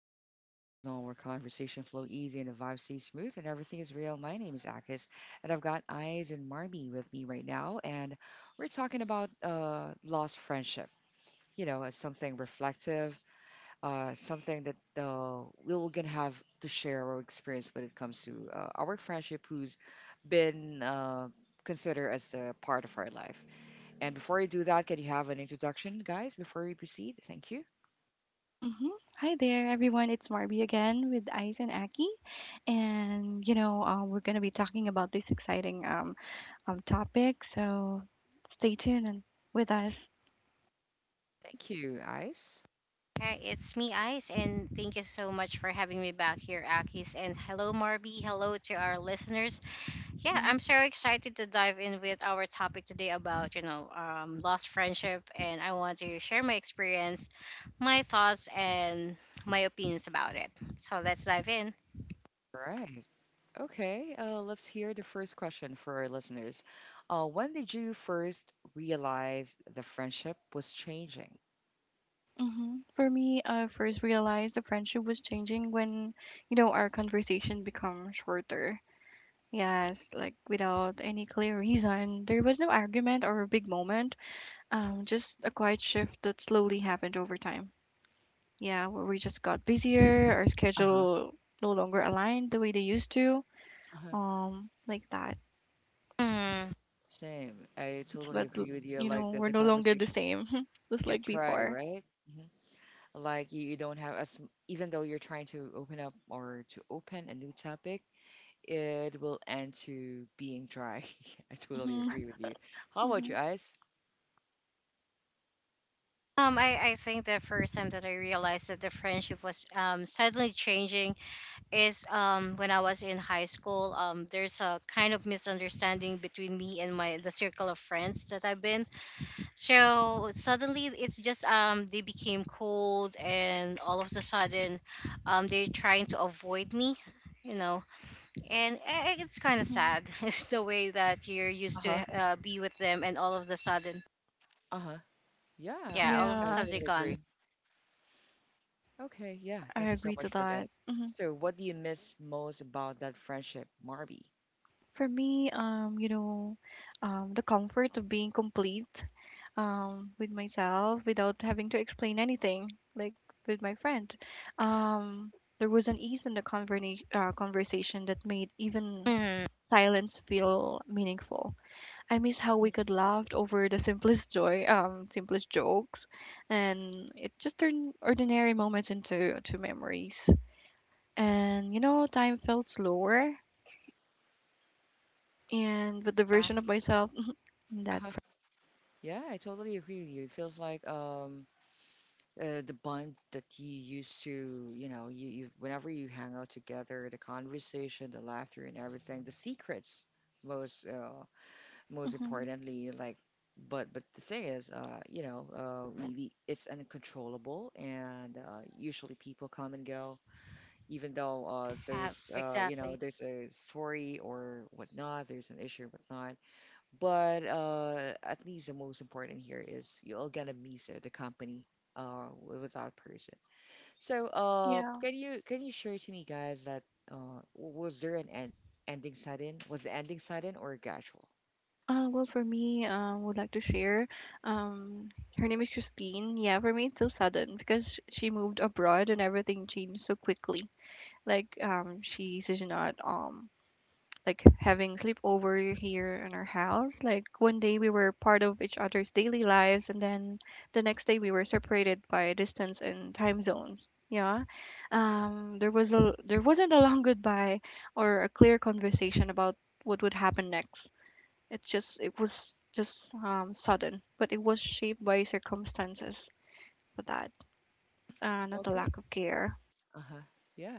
step into a chill zone where conversation flow easy and the vibe stays smooth and everything is real, my name is Akis, and I've got Eyes and Marmy with me right now, and we're talking about lost friendship. As something reflective, something that we are gonna have to share our experience when it comes to our friendship, who's been considered as a part of our life. And before I do that, can you have an introduction, guys? Before we proceed, thank you. hmm Hi there, everyone. It's Marby again with Ice and Aki, and we're gonna be talking about this exciting topic. So stay tuned and with us. Thank you, Eyes. Hi, it's me, Ice, and thank you so much for having me back here, Akis. And hello, Marby. Hello to our listeners. Yeah, I'm hmm so excited to dive in with our topic today about, lost friendship. And I want to share my experience, my thoughts, and my opinions about it. So let's dive in. Right. Okay, let's hear the first question for our listeners. When did you first realize the friendship was changing? For me, I first realized the friendship was changing when our conversation become shorter. Yes, like without any clear reason. There was no argument or a big moment. Just a quiet shift that slowly happened over time. Yeah, where we just got busier, our Uh-huh. schedule no longer aligned the way they used to. Uh-huh. Like that. Mhm. Same. I It's totally that l- agree with you. Like the, we're the no longer the conversation same, just get like dry, before. right? hmm Like you don't have as even though you're trying to open up or to open a new topic, it will end to being dry. I totally Mm-hmm. agree with you. How about Mm-hmm. you guys? I think the first time that I realized that the friendship was suddenly changing is when I was in high school. There's a kind of misunderstanding between me and my the circle of friends that I've been. So suddenly it's just they became cold, and all of the sudden they're trying to avoid me, you know. And it's kind of Mm-hmm. sad. It's the way that you're used to Uh-huh. Be with them, and all of the sudden, Uh-huh. Yeah, yeah, all of the I Yeah, sudden they're totally gone. agree. Okay, yeah. I Thank you so agree much to for that. that. So, what do you miss most about that friendship, Marby? For me, the comfort of being complete, with myself without having to explain anything, like with my friend. Um, there was an ease in the conversation that made even Hmm. silence feel meaningful. I miss how we Mhm. could laugh over the simplest joy, simplest jokes, and it just turned ordinary moments into to memories. And time felt slower, and with the Yeah, version of myself in that. Uh-huh. Yeah, I totally agree with you. It feels like the bond that you used to, you whenever you hang out together, the conversation, the laughter, and everything, the secrets, most uh, most Hmm. importantly, like. but the thing is, we it's uncontrollable, and usually people come and go even though yeah, there's you know exactly. there's a story or whatnot, there's an issue or whatnot. But at least the most important here is you're gonna miss the company with that person. So Yeah. can you share to me guys that was there ending sudden? Was the ending sudden or gradual? Well, for me, would like to share. Um, her name is Christine. Yeah, for me, it's so sudden because she moved abroad and everything changed so quickly. Like, she's not like having sleepover here in our house. Like one day we were part of each other's daily lives, and then the next day we were separated by distance and time zones. Yeah, there wasn't a long goodbye or a clear conversation about what would happen next. It was just sudden, but it was shaped by circumstances for that, not a Okay. lack of care. Uh huh. Yeah.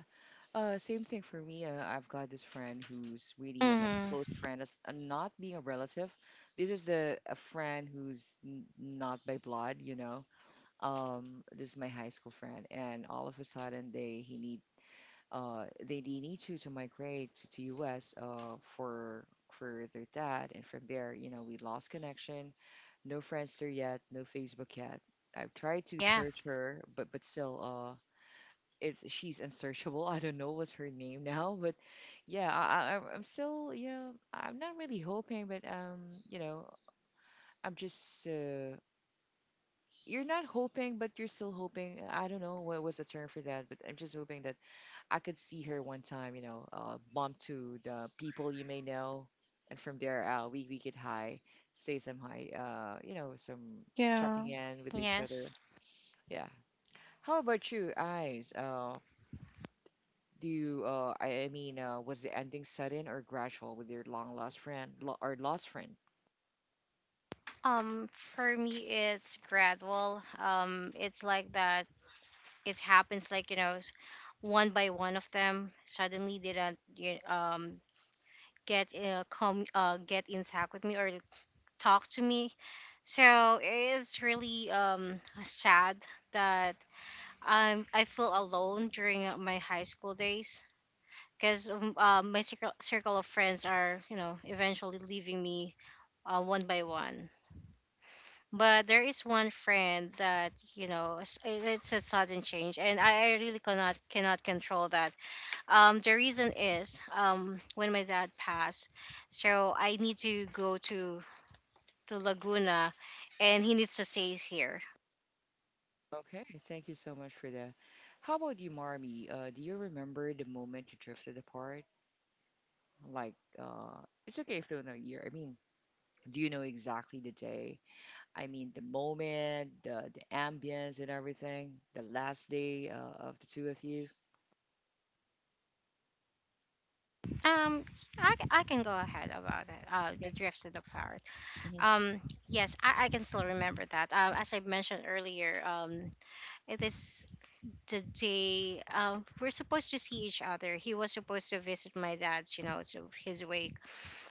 Same thing for me. I've got this friend who's really my Hmm. close friend, as not being a relative. This is the a friend who's n not by blood. This is my high school friend, and all of a sudden they need to migrate to U.S. For their dad, and from there, we lost connection. No Friendster yet, no Facebook yet. I've tried to Yeah. search her, but still, it's she's unsearchable. I don't know what's her name now, but yeah, I'm still I'm not really hoping, but you know I'm just you're not hoping, but you're still hoping. I don't know what was the term for that, but I'm just hoping that I could see her one time, bump to the people you may know, and from there we could say some hi, some Yeah, checking in with each Yes. other. Yeah. How about you, Eyes? I mean, was the ending sudden or gradual with your long lost friend or lost friend? For me, it's gradual. It's like that. It happens like, you know, one by one of them suddenly didn't you get come get in touch with me or talk to me. So it's really sad that I feel alone during my high school days, because my circle of friends are, you know, eventually leaving me one by one. But there is one friend that, you know, it's a sudden change, and I really cannot control that. The reason is when my dad passed, so I need to go to Laguna, and he needs to stay here. Okay, thank you so much for that. How about you, Marmy? Do you remember the moment you drifted apart? Like, it's okay if don't know year. I mean, do you know exactly the day? I mean, the moment, the ambience and everything. The last day of the two of you. Um, I, I can go ahead about it. Yeah. The drift of the parrot. Hmm. Um, yes, I can still remember that. As I mentioned earlier, it is. Today we're supposed to see each other. He was supposed to visit my dad's, you know, so his wake.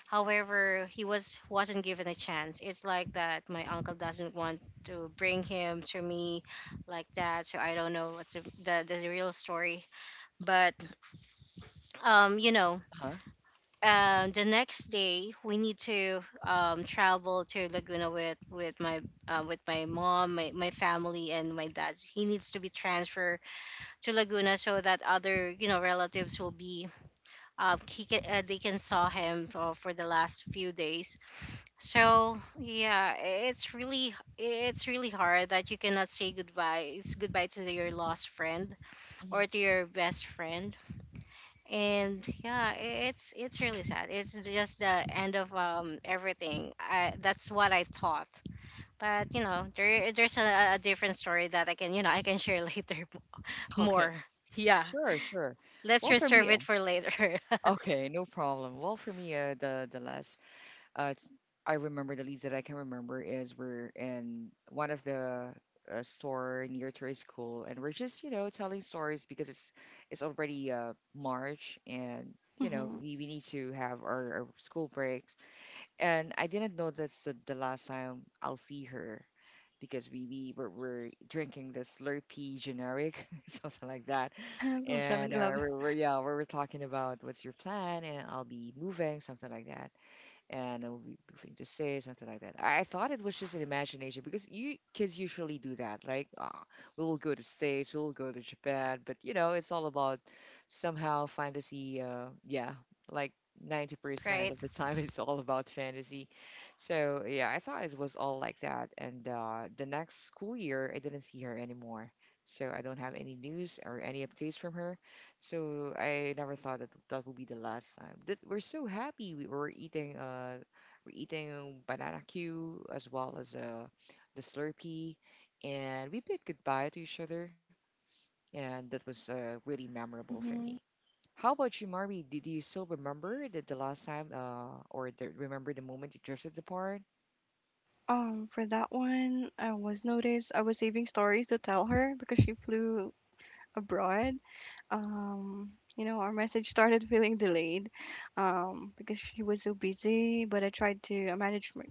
However, he was wasn't given a chance. It's like that. My uncle doesn't want to bring him to me, like that. So I don't know what's the real story. But you know, Huh? The next day we need to travel to Laguna with my with my mom, my family, and my dad. He needs to be transferred to Laguna, so that other, you know, relatives will be they can saw him for the last few days. So yeah, it's really hard that you cannot say goodbye. It's goodbye to your lost friend Hmm. or to your best friend. And yeah, it's really sad. It's just the end of everything. That's what I thought. But you know, there's a different story that I can, you know, I can share later Okay. more. Yeah. Sure, sure. Let's Well, for reserve me, it for later. okay, no problem. Well, for me, Uh, it's- I remember the least that I can remember is we're in one of the store near to our school, and we're just telling stories because it's already March, and mm-hmm. we need to have our school breaks. And I didn't know that's the last time I'll see her because we were drinking the Slurpee generic, something like that. From Seven And Eleven. We were talking about what's your plan, and I'll be moving, something like that and I will be goofing to say something like that. I thought it was just an imagination because you kids usually do that. Like, we will go to States, we will go to Japan, but it's all about somehow fantasy. Yeah, like 90% Right. of the time is all about fantasy. So yeah, I thought it was all like that. And the next school year, I didn't see her anymore. So I don't have any news or any updates from her. So I never thought that that would be the last time. That we're so happy we're eating banana Q as well as the Slurpee and we bid goodbye to each other and that was really memorable for me. Mm-hmm. How about you, Marby? Did you still remember that the last time remember the moment you drifted apart? For that one, I was noticed I was saving stories to tell her because she flew abroad. Our message started feeling delayed, because she was so busy. But I tried to I managed my,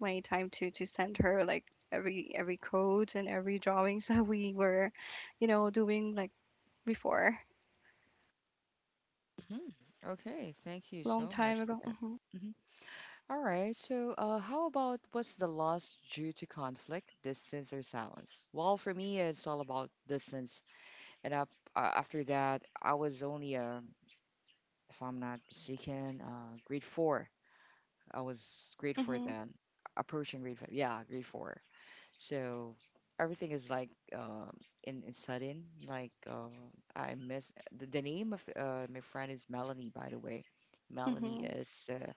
my time to send her like every code and every drawings that we were, doing like before. hmm Okay, thank It's you a long so much time for ago. that. Mhm. All right, so how about what's the loss due to conflict, distance, or silence? Well, for me, it's all about distance. And after that, I was only, if I'm not mistaken, grade four. I was grade four Mhm. then, approaching grade five. Yeah, grade four. So everything is like um in sudden. Like I miss the name of my friend is Melanie, by the way. Melanie Mhm. is uh,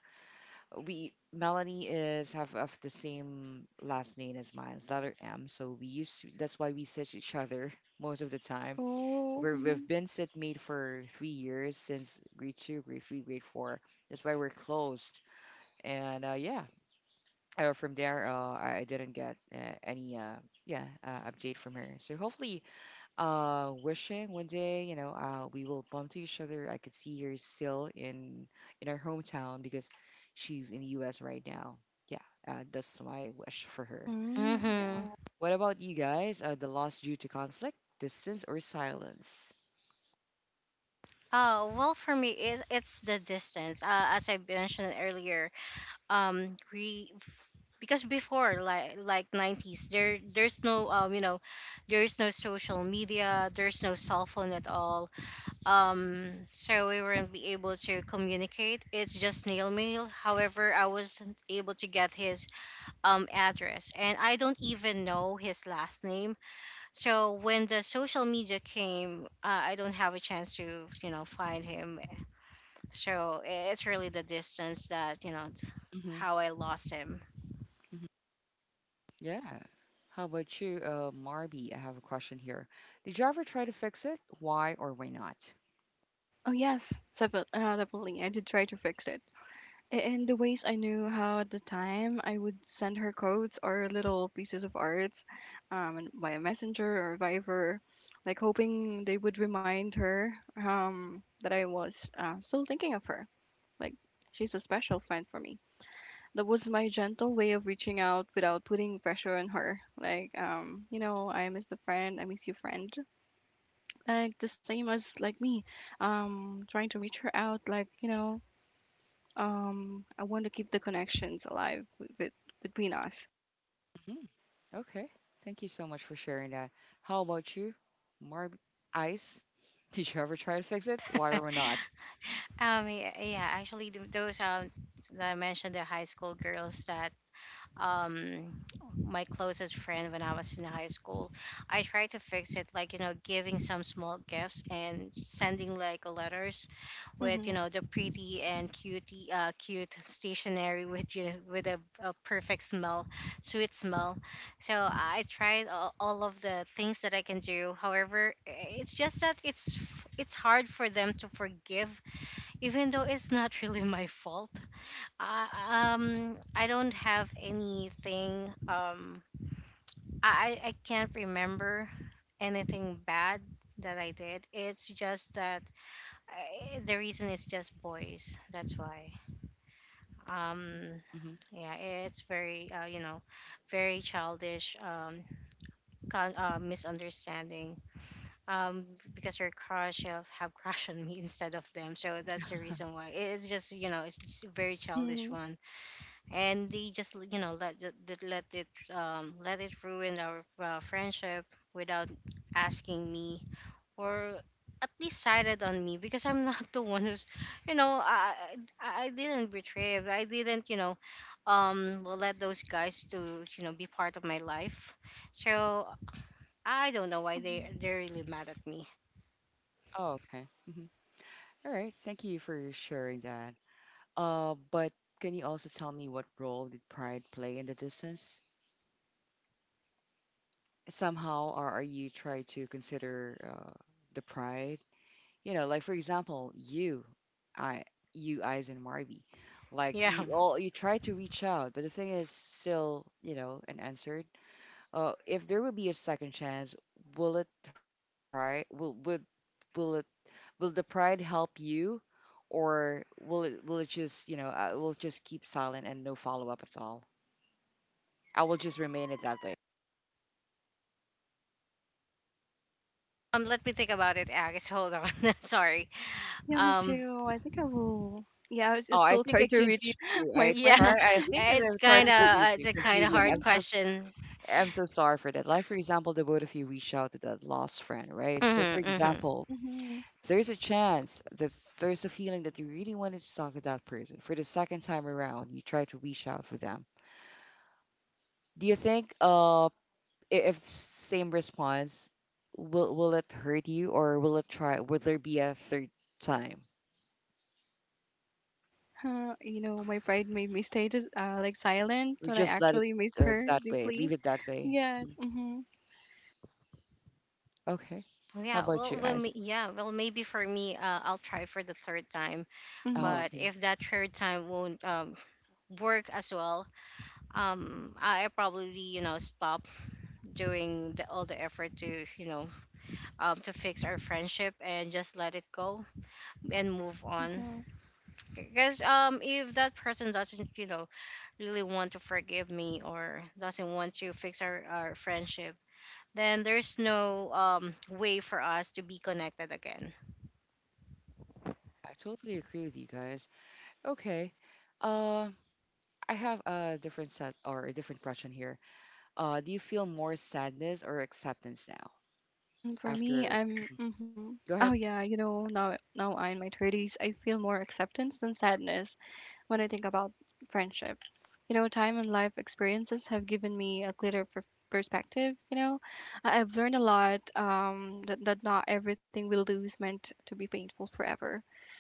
Melanie is have of the same last name as mine, it's letter M. So we used to, that's why we sit each other most of the time. Oh. Mhm. We've been sitmate for 3 years since grade two, grade three, grade four. That's why we're closed. And yeah, from there, I didn't get any yeah update from her. So hopefully wishing one day we will bump to each other. I could see her still in her hometown because she's in the US right now. Yeah, that's my wish for her. Mm, S- Mm-hmm. yeah. what about you guys, the loss due to conflict, distance, or silence? Oh well, for me, it's the distance. As I mentioned earlier, we, because before, like nineties, there's no you know, there's no social media, there's no cell phone at all. So we weren't be able to communicate. It's just snail mail. However, I wasn't able to get his address, and I don't even know his last name. So when the social media came, I don't have a chance to, you know, find him. So it's really the distance that, you know, hmm how I lost him. hmm yeah, how about you, Marby? I have a question here. Did you ever try to fix it? Why or why not? Oh yes, definitely. Definitely, I did try to fix it. And the ways I knew how at the time, I would send her codes or little pieces of arts, and via Messenger or Viber, like hoping they would remind her, that I was, still thinking of her. Like, she's a special friend for me. That was my gentle way of reaching out without putting pressure on her. Like, I miss the friend, I miss you, friend. Like, the same as like me, trying to reach her out, like, I want to keep the connections alive with between us. Mhm. Okay. Thank you so much for sharing that. How about you, Marb Ice? Did you ever try to fix it? Why or why not? Yeah, yeah, actually, th- those that I mentioned, the high school girls that um my closest friend when I was in high school. I tried to fix it, like, you know, giving some small gifts and sending like letters with, Mm-hmm. you know, the pretty and cutie cute stationery with you with a perfect smell, sweet smell. So I tried all of the things that I can do. However, it's just that it's it's hard for them to forgive, even though it's not really my fault. Um, I don't have anything. I can't remember anything bad that I did. It's just that the reason is just boys. That's why. Um, hmm yeah, it's very you know, very childish. Misunderstanding. Um, because your crush have crush on me instead of them. So that's the reason why. It's just, you know, it's just a very childish Mm-hmm. one, and they just, you know, let it ruin our friendship without asking me, or at least sided on me, because I'm not the one who's, you know, I didn't betray it. I didn't, you know, let those guys to, you know, be part of my life. So I don't know why they Hmm. they're really mad at me. Oh, okay. hmm All right. Thank you for sharing that. But can you also tell me what role did pride play in the distance? Somehow, or are you trying to consider the pride? Like, for example, you, I, you, Eyes, and Marby. Like Yeah, you all, you try to reach out, but the thing is still, unanswered. If there will be a second chance, will it hurt your pride? Will would will it will the pride help you, or will it just I will just keep silent and no follow up at all? I will just remain it that way. Let me think about it, Agis. Hold on. Sorry. Yeah, me Um, too. I think I will. Yeah, I was Oh, just I still think try I to reach confused you. my I yeah, try. friend. I think as I it's tried kind to of confuse you, it's a kind of confusing. Hard question. I'm so sorry for that. Like for example, the both of you reached out to that lost friend, right? So Hmm. for Hmm. example, Mm-hmm. there's a chance that there's a feeling that you really wanted to talk to that person for the second time around. You try to reach out for them. Do you think if same response will it hurt you, or will it try will there be a third time? My pride made me stay just, like silent Or when I just let it actually miss her that way. Leave deeply. it that way. Yes. Mm-hmm. Okay. How Yeah, about well, you well, guys? Yeah, well, maybe for me, I'll try for the third time. Mm-hmm. Oh, But okay. if that third time won't work as well, I probably, you know, stop doing all the effort to, you know, to fix our friendship, and just let it go and move on. Mm-hmm. Because if that person doesn't, you know, really want to forgive me, or doesn't want to fix our friendship, then there's no way for us to be connected again. I totally agree with you guys. Okay. Uh I have a different set or a different question here. Do you feel more sadness or acceptance now? For me, After. I'm. Go Oh ahead. yeah, now I'm in my thirties. I feel more acceptance than sadness when I think about friendship. You know, time and life experiences have given me a clearer perspective. You know, I've learned a lot, that not everything we lose meant to be painful forever.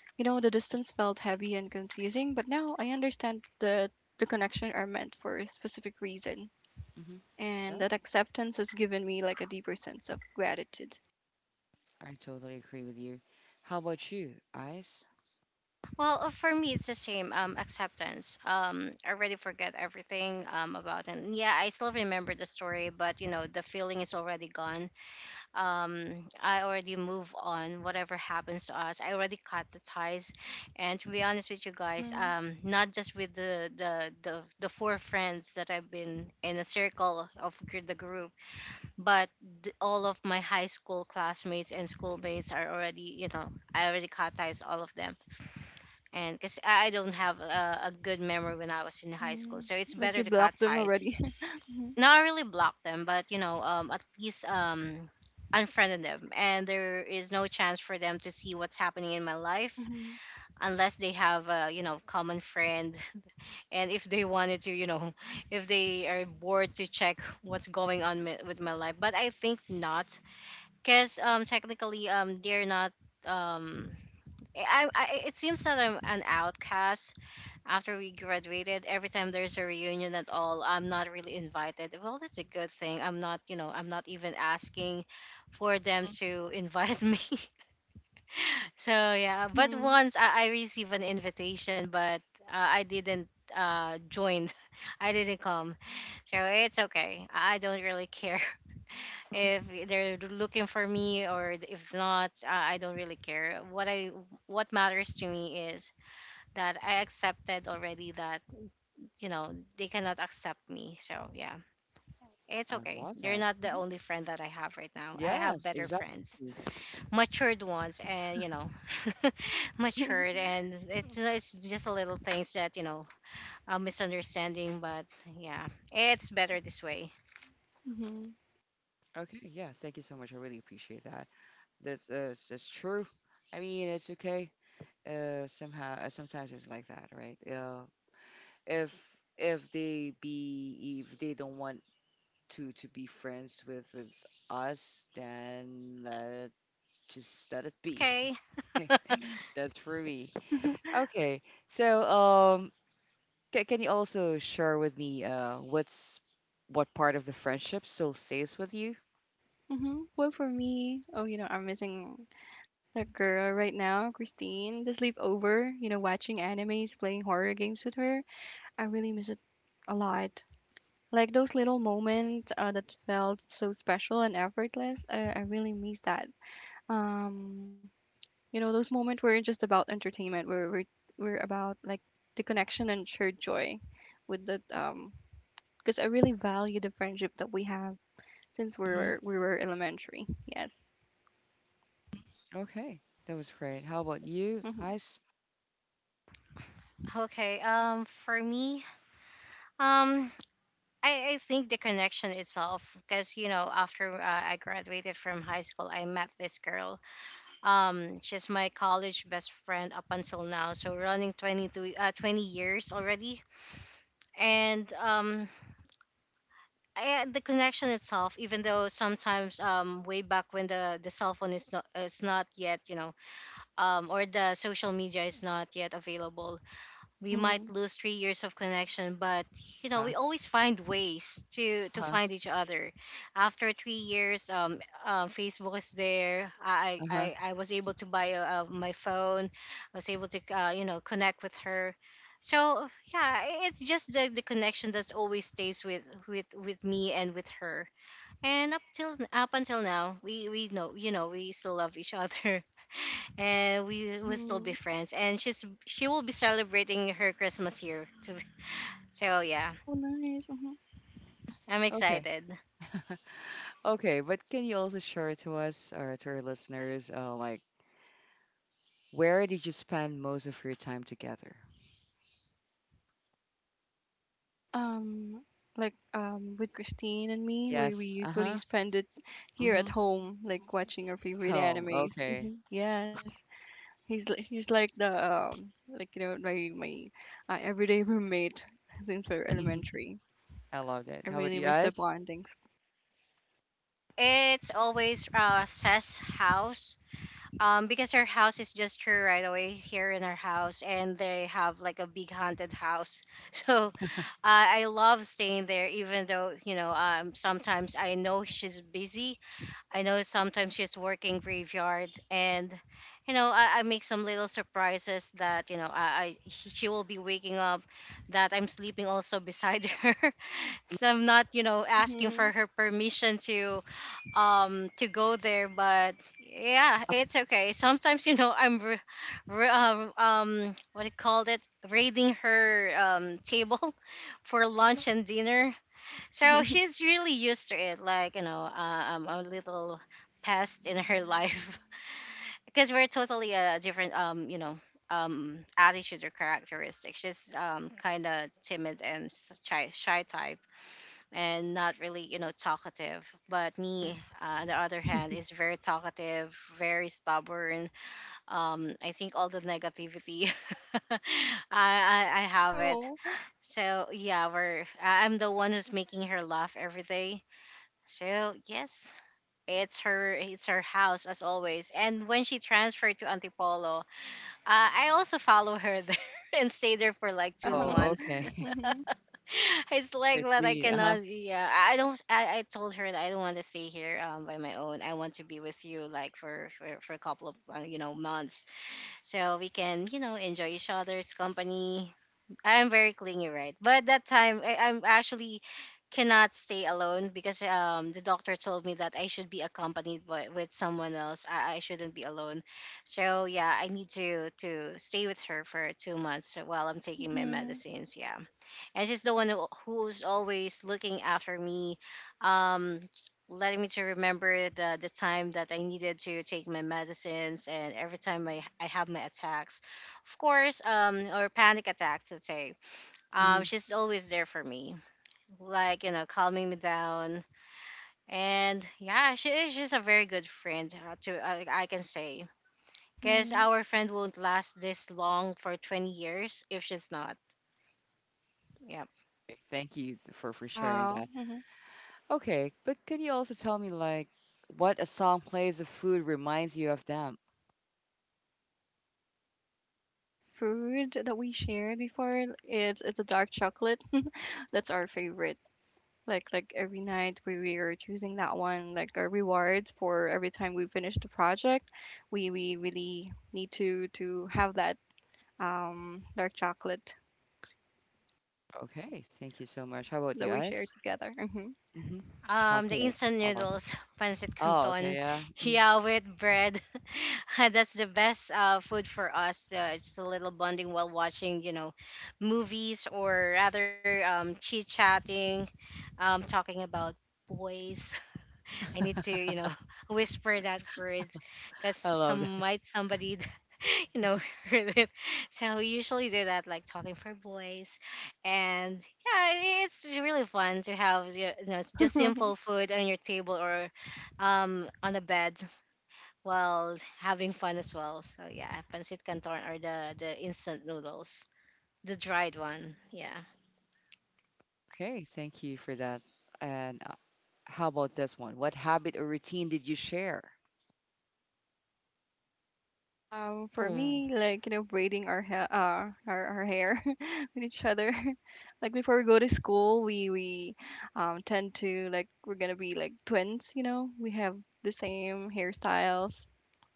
You know, the distance felt heavy and confusing, but now I understand that the connection are meant for a specific reason, hmm and That that acceptance has given me like a deeper sense of gratitude. I totally agree with you. How about you, Ice? Well, for me, it's the same, acceptance. I already forget everything about it. And yeah, I still remember the story, but you know, the feeling is already gone. I already move on. Whatever happens to us, I already cut the ties. And to be honest with you guys, Mm-hmm. Not just with the four friends that I've been in a circle of the group, but all of my high school classmates and schoolmates are already, you know, I already cut ties all of them. And because I don't have a good memory when I was in high Mm-hmm. school, so it's Like, better you to cut blocked them ties, already. Mhm. not really block them, but you know, at least unfriended them, and there is no chance for them to see what's happening in my life Mhm. unless they have a, you know, common friend. And if they wanted to, you know, if they are bored to check what's going on with my life. But I think not, because technically they're not um I, it seems that I'm an outcast. After we graduated, every time there's a reunion at all, I'm not really invited. Well, that's a good thing. I'm not, you know, I'm not even asking for them to invite me. So yeah, but Mhm. once I received an invitation, but I didn't join. I didn't come. So it's okay, I don't really care Mhm. if they're looking for me or if not. I don't really care. What matters to me is that I accepted already that, you know, they cannot accept me. So yeah, it's I okay, love they're that. not the Mhm. only friend that I have. Right now I have Yes, better friends, exactly. matured ones, and you know, matured. And it's just a little things that, you know, a misunderstanding, but yeah, it's better this way. Mhm. Okay, yeah, thank you so much. I really appreciate that. It's true. I mean, it's okay. Somehow, sometimes it's like that, right? If if they don't want to be friends with us, then let it be. Okay. That's for me. Okay. So, ca can you also share with me what part of the friendship still stays with you? Mhm. Well, for me, oh, I'm missing that girl right now, Christine. The sleepover, watching animes, playing horror games with her. I really miss it a lot. Like those little moments, that felt so special and effortless. I really miss that. Um, You know, those moments weren't just about entertainment. We're about like the connection and shared joy with the because I really value the friendship that we have since hmm we were elementary. Yes. Okay, that was great. How about you, Mhm. Ice? Okay, um, for me, um, I think the connection itself, because you know, after I graduated from high school, I met this girl. She's my college best friend up until now, so running 22, 20 years already. And the connection itself, even though sometimes way back when the cell phone is not yet, you know, or the social media is not yet available, we might Mhm. lose 3 years of connection. But you know, Uh, we always find ways to uh-huh, find each other. After 3 years, um, Facebook is there. Uh-huh. I was able to buy my phone. I was able to you know, connect with her. So yeah, it's just the connection that always stays with with me and with her. And up until now, we know, you know, we still love each other, and we will still be Mhm. friends. And she will be celebrating her Christmas here too. So yeah, Oh, nice. Mhm. I'm Okay. excited. Okay, but can you also share to us or to our listeners, like where did you spend most of your time together? Um, like with Christine and me, we Yes. usually Uh-huh. spend it here at Mm-hmm. home, like watching our favorite Oh, animes. okay. Hmm. Yes. He's like the, like my, everyday roommate since we're elementary. I love that. I How about you really miss the guys? bondings. It's always Seth's house. Because her house is just her right away here in our house, and they have like a big haunted house. So, uh, I love staying there, even though sometimes I know she's busy. I know sometimes she's working graveyard, and I make some little surprises that she will be waking up, that I'm sleeping also beside her. I'm not asking for Mhm. her permission to go there, but yeah, it's okay. Sometimes I'm what do you call it raiding her table for lunch and dinner, so Mhm. she's really used to it. I'm a little past in her life. Because we're totally a different, attitude or characteristic. She's kind of timid and shy type and not really, talkative. But me, on the other hand, is very talkative, very stubborn. I think all the negativity, I, I have it. Oh. So yeah, I'm the one who's making her laugh every day, so yes, it's her house as always. And when she transferred to Antipolo, I also follow her there and stay there for like two Wow. Oh, months. okay. Mhm. It's like that I Christine. Uh-huh. cannot. Yeah, I don't. I told her that I don't want to stay here by my own. I want to be with you like for a couple of months so we can enjoy each other's company. I'm very clingy right, but that time I'm actually cannot stay alone because the doctor told me that I should be accompanied by, with someone else. I shouldn't be alone. So yeah, I need to stay with her for 2 months while I'm taking my Mhm. medicines, yeah. And she's the one who's always looking after me, um letting me to remember the time that I needed to take my medicines. And every time I have my attacks, of course, or panic attacks, let's say, hmm she's always there for me, like calming me down. And yeah, she is just a very good friend, to I can say, because Mhm. our friend won't last this long for 20 years if she's not. Yeah. Thank you for sharing Wow. that. Mhm. Okay, but can you also tell me like what a song plays of food reminds you of them? Food that we shared before, it's a dark chocolate. That's our favorite. Like every night we are choosing that one like a reward for every time we finish the project. We really need to have that, dark chocolate Okay, thank you so much. How about you that we share guys? together. Mm-hmm. The Chocolate. instant I love that. noodles, pancit Oh, okay, canton, yeah. Mhm. yeah, with bread. That's the best food for us. It's a little bonding while watching, movies, or rather chit chatting, talking about boys. I need to, whisper that word because I love that. Somebody, you know, heard it. So we usually do that, like talking for boys, and yeah, it's really fun to have just hmm simple food on your table, or on the bed, while having fun as well. So yeah, pancit canton or the instant noodles, the dried one. Yeah. Okay, thank you for that. And how about this one? What habit or routine did you share? For Ooh. me, like braiding our hair, our hair with each other. Like before we go to school, we tend to like we're gonna be like twins. You know, we have the same hairstyles.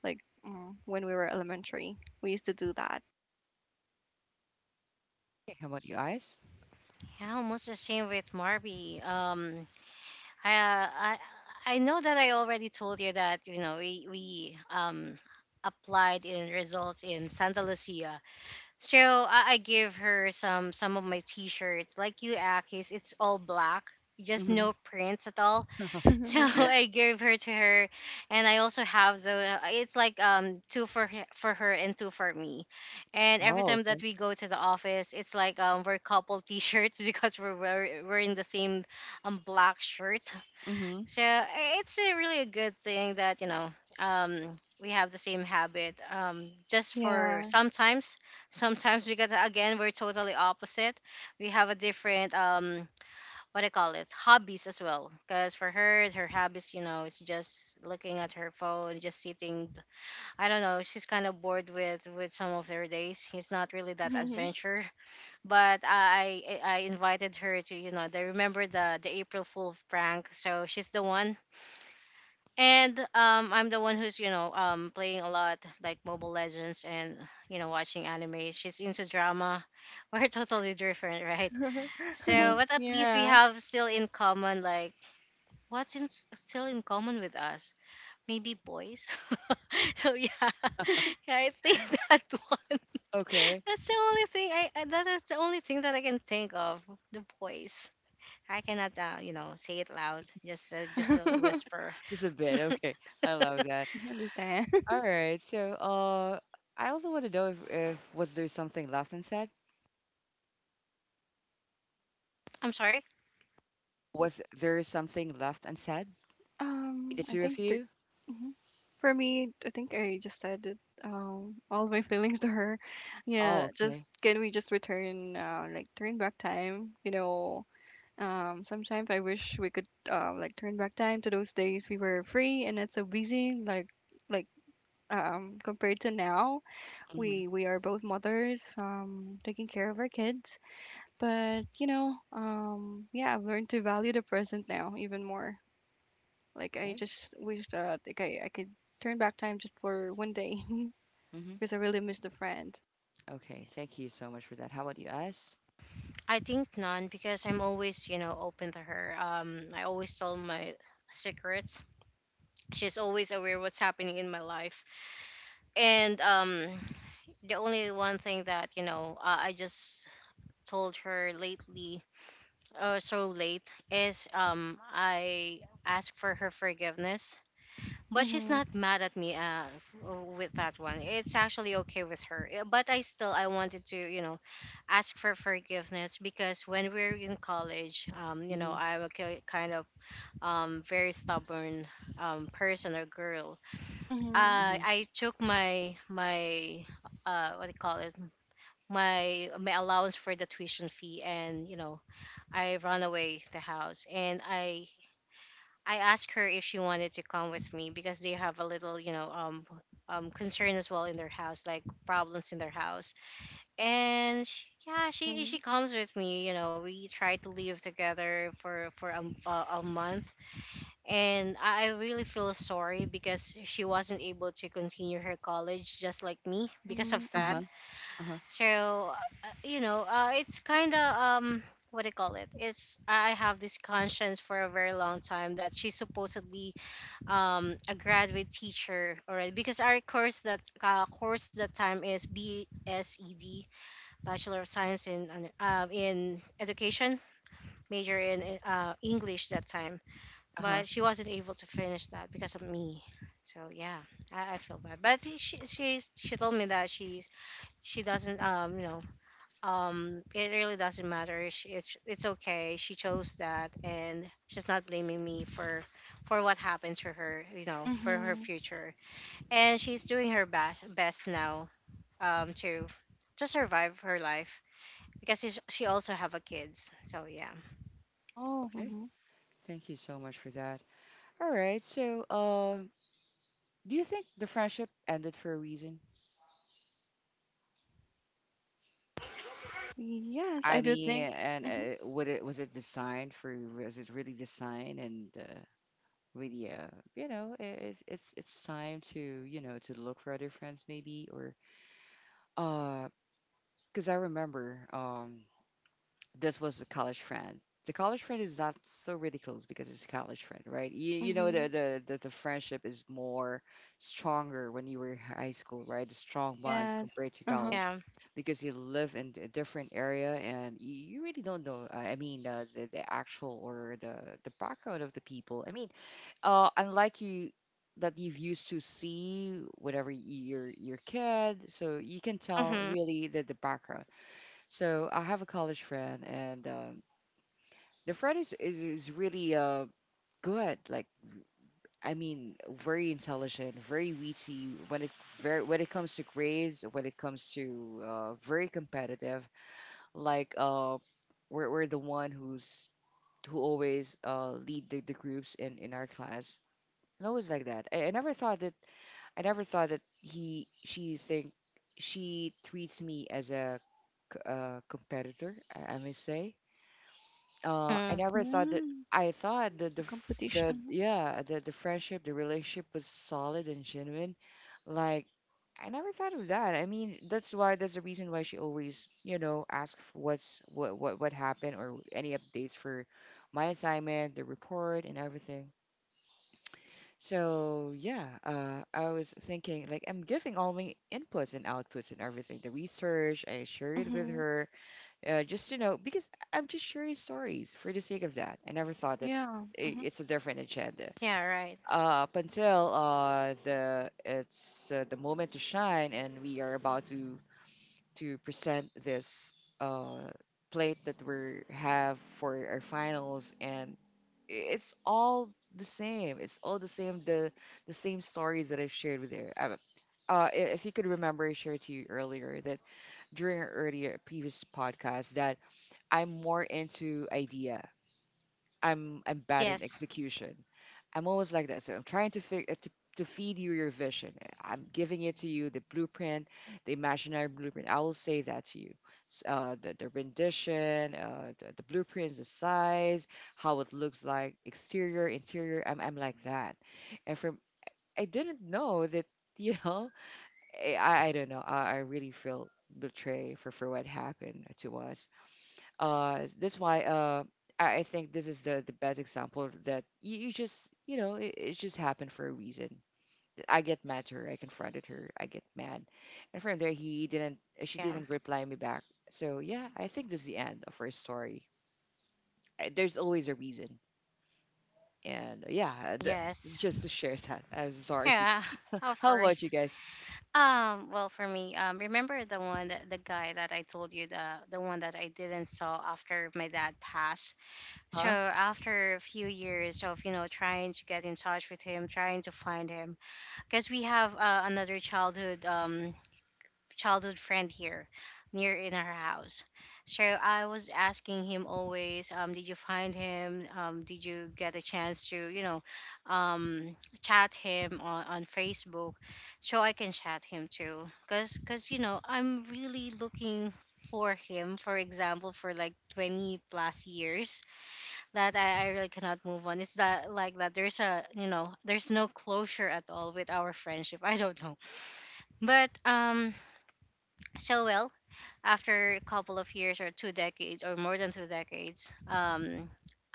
Like, when we were elementary, we used to do that. Okay, how about you guys? Yeah, almost the same with Marby. I, uh, I I know that I already told you that you know we applied in results in Santa Lucia. So I give her some of my t-shirts like you Akis. It's all black, just Mm-hmm. no prints at all. So yeah. I gave her to her, and I also have the it's like two for for her and two for me. And every Oh, time that okay. we go to the office, it's like we're couple t-shirts because we're in the same black shirt. Mm-hmm. So i- it's a really a good thing that we have the same habit. Just for Yeah. sometimes, sometimes, because again we're totally opposite. We have a different what I call it hobbies as well. Because for her, her hobbies is just looking at her phone, just sitting. I don't know. She's kind of bored with some of her days. It's not really that adventure. But I I invited her to they remember the April Fool prank. So she's the one. And I'm the one who's playing a lot like Mobile Legends, and watching anime. She's into drama. We're totally different, right? So, Hmm. but at least we Yeah. have still in common, like still in common with us? Maybe boys. So yeah, yeah, I think that one. Okay, That's the only thing that is the only thing that I can think of. The boys. I cannot, say it loud. Just a whisper. just a bit. Okay, I love that. We understand. All right. So, I also want to know if was there something left unsaid? I'm sorry. Was there something left unsaid? The I two of think the, you? mhm. For me, I think I just said it. All my feelings to her. Oh, Yeah, okay. just can we just return, like turn back time? You know, sometimes I wish we could, like turn back time to those days we were free and not so busy. Like, like, compared to now, Mm-hmm. we are both mothers, taking care of our kids. But you know, yeah, I've learned to value the present now even more. Like I Okay. just wish that like I could turn back time just for one day Mm-hmm. because I really miss the friend. Okay. Thank you so much for that. How about you, us? I think none because I'm always, open to her. I always tell my secrets. She's always aware what's happening in my life. And the only one thing that I just told her lately, so late, is I asked for her forgiveness. But she's Mhm. not mad at me with that one. It's actually okay with her. But I still I wanted to ask for forgiveness because when we are in college, Mm-hmm. I'm a kind of very stubborn person or girl. Mhm. Mm-hmm. I took my what do you call it my allowance for the tuition fee, and I run away the house, and I asked her if she wanted to come with me because they have a little, concern as well in their house, like problems in their house. And she, yeah, she Mhm. comes with me. You know, we try to live together for a month, and I really feel sorry because she wasn't able to continue her college just like me because Mhm. of that. Mhm. Uh-huh. Uh-huh. So, it's kind of. What do you call it? It's I have this conscience for a very long time that she supposedly a graduate teacher already because our course that time is BSED, Bachelor of Science in Education, major in English, that time. Uh-huh. But she wasn't able to finish that because of me. So yeah, I feel bad. But she told me that she doesn't it really doesn't matter. It's okay, she chose that, and she's not blaming me for what happened to her, you know, for her Mhm. future. And she's doing her best now to survive her life because she also have a kids, so yeah. Oh. Okay. Mhm. Thank you so much for that. All right. So, do you think the friendship ended for a reason? Yes, I I do mean, think. and Mhm. Would it was it designed for? Was it really designed and really, you know, it's it's time to you know to look for other friends maybe or uh because I remember this was a college friend. The college friend is not so ridiculous because it's a college friend, right? You know, Mhm. The friendship is more stronger when you were in high school, right? The strong bonds Yes. compared to Uh huh. college Yeah. because you live in a different area and you really don't know, I mean, the actual or the background of the people. I mean, unlike you, that you've used to see whenever you're your kid so you can tell Mm-hmm. really the background so I have a college friend, and the friend is really good. Like I mean, very intelligent, very witty. When it comes to grades, when it comes to very competitive. Like we're the one who's who always lead the groups in our class, and always like that. I never thought that he she think she treats me as a competitor. I may say. I Mm-hmm. never thought that. Mm. I thought that A the f- competition. the Uh-huh. yeah the friendship, the relationship was solid and genuine. Like I never thought of that. I mean, that's why that's the reason why she always you know asks what's what happened or any updates for my assignment, the report, and everything. So yeah, I was thinking like I'm giving all my inputs and outputs and everything, the research. I share it with Mhm. her just to know, because I'm just sharing stories for the sake of that. I never thought that Yeah. Mhm. it's a different agenda. Yeah, right. Up until the it's the moment to shine, and we are about to present this uh, plate that we have for our finals, and it's all the same. It's all the same. The same stories that I've shared with you. If you could remember, I shared to you earlier that during our earlier previous podcast that I'm more into idea. I'm bad in Yes. execution. I'm always like that. So I'm trying to to feed you your vision. I'm giving it to you the blueprint, the imaginary blueprint. I will say that to you. The rendition, the blueprints, the size, how it looks like, exterior, interior. I'm like that. And from I didn't know that you know I don't know. I really feel betrayed for what happened to us that's why I think this is the best example that you just you know it just happened for a reason. I get mad to her, I confronted her, I get mad, and from there he didn't she Yeah. didn't reply me back. So yeah, I think this is the end of her story. There's always a reason and Yes. just to share that. I'm sorry. Yeah. Of How about course. you guys? Well, for me, remember the one, that the guy that I told you, the one that I didn't saw after my dad passed. So Huh. after a few years of trying to get in touch with him, trying to find him, because we have another childhood friend here near in our house. So I was asking him always, did you find him? Did you get a chance to, um, chat him on Facebook so I can chat him too? Cause, you know, I'm really looking for him, for example, for like 20 plus years, that I really cannot move on. It's that like that there's a there's no closure at all with our friendship. I don't know, but so well, after a couple of years, or two decades, or more than two decades, um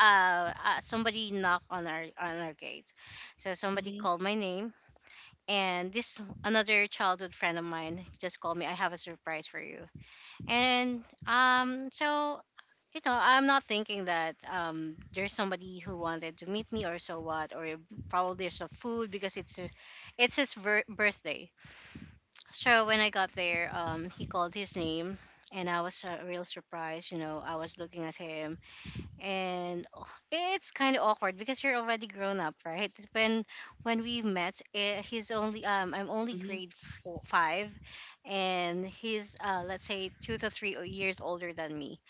uh, uh somebody knocked on our gate, so somebody Mm-hmm. called my name. And this another childhood friend of mine just called me, I have a surprise for you. And so, you know, I'm not thinking that there's somebody who wanted to meet me or so what, or probably there's some food because it's a, it's his birthday. So when I got there, he called his name, and I was real surprised. You know, I was looking at him, and oh, it's kind of awkward because you're already grown up, right? When we met, eh, he's only I'm only Hmm. grade four, five, and he's let's say two to three years older than me.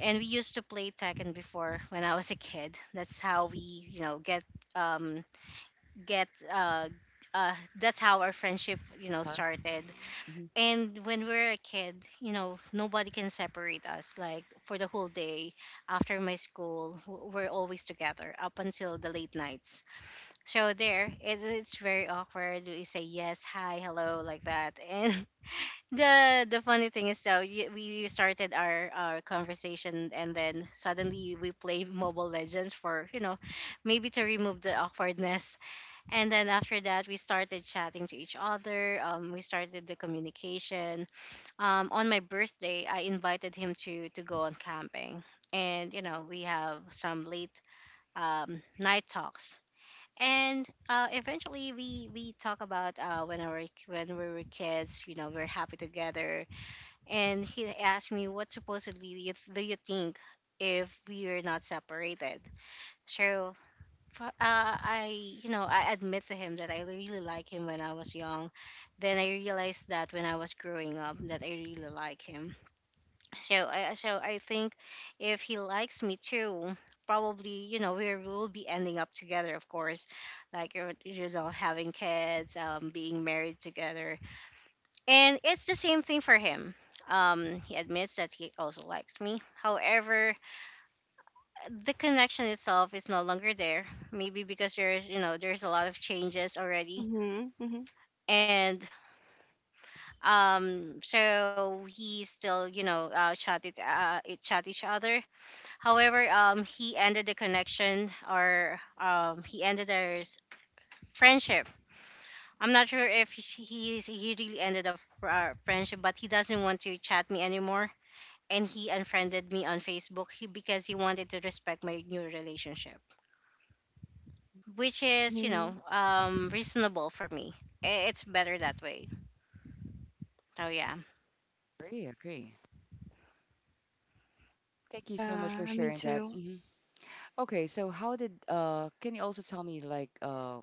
And we used to play Tekken before when I was a kid. That's how we, you know, um get. Uh, that's how our friendship, Huh. started. Hmm. And when we're a kid, nobody can separate us, like, for the whole day. After my school, we're always together up until the late nights. So there, it's very awkward. We say yes, hi, hello, like that. And the funny thing is, so we started our conversation, and then suddenly we play mobile legends for, you know, maybe to remove the awkwardness. And then after that, we started chatting to each other. We started the communication. On my birthday, I invited him to go on camping, and you know, we have some late night talks. And eventually we talk about, when our when we were kids, you know, we're happy together. And he asked me, what supposedly do you think if we are not separated? So, Uh, I, I admit to him that I really like him when I was young. Then I realized that when I was growing up, that I really like him. So I think, if he likes me too, probably you know, we will be ending up together, of course, like you know having kids, being married together. And it's the same thing for him. He admits that he also likes me. However, the connection itself is no longer there. Maybe because there's you know there's a lot of changes already, Mhm. Mhm. and so he still, you know, chat it it chat each other. However, he ended the connection, or he ended their friendship. I'm not sure if he really ended a friendship, but he doesn't want to chat me anymore, and he unfriended me on Facebook, because he wanted to respect my new relationship, which is, you know, Mhm. Reasonable for me. It's better that way. So, yeah. Agree, agree. Thank you so much Yeah. for I mean sharing that. too. Mhm. Okay, so how did can you also tell me like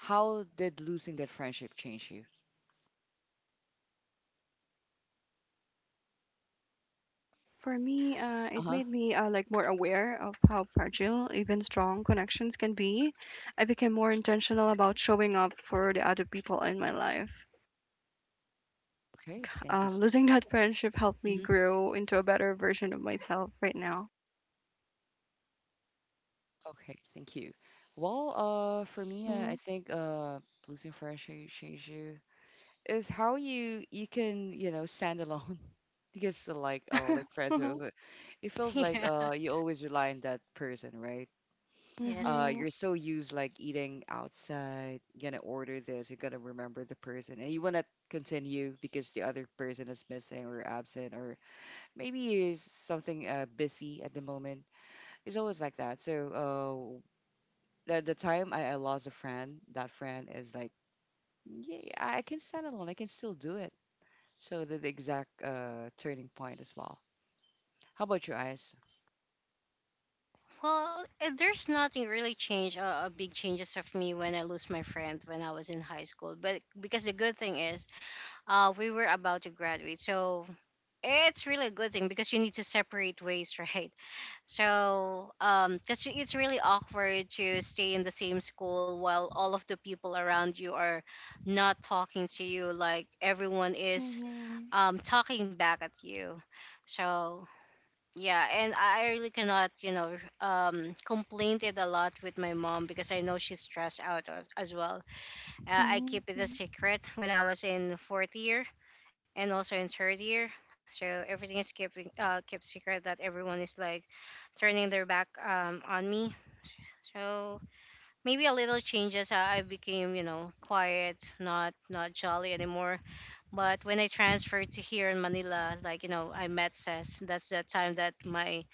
how did losing that friendship change you? For me, it Uh-huh. made me, like more aware of how fragile even strong connections can be. I became more intentional about showing up for the other people in my life. Like, Okay, thank you. Losing that friendship helped me Mm-hmm. grow into a better version of myself right now. Okay, thank you. Well, for me, Mm-hmm. I think losing friendship change you is how you you can, you know, stand alone because Yeah. Like friends Mhm. It feels like Yeah, you always rely on that person, right? yes. Mhm. You're so used like eating outside, you're gonna order this, you're gonna remember the person, and you wanna continue because the other person is missing or absent or maybe is something busy at the moment. It's always like that. So the time I lost a friend, that friend is like, yeah, I can stand alone, I can still do it. So the exact turning point as well. How about your eyes? Well, there's nothing really changed, big changes of me when I lose my friend when I was in high school. But because the good thing is, we were about to graduate, so it's really a good thing because you need to separate ways, right? So, because it's really awkward to stay in the same school while all of the people around you are not talking to you, like everyone is Mhm. Talking back at you. So, yeah. And I really cannot, you know, complain it a lot with my mom because I know she's stressed out, as well. I keep it a Mhm. secret when I was in fourth year and also in third year, so everything is keeping kept secret, that everyone is like turning their back, on me. So maybe a little changes. I became, you know, quiet, not jolly anymore. But when I transferred to here in Manila, like, you know, I met Ses. That's the time that my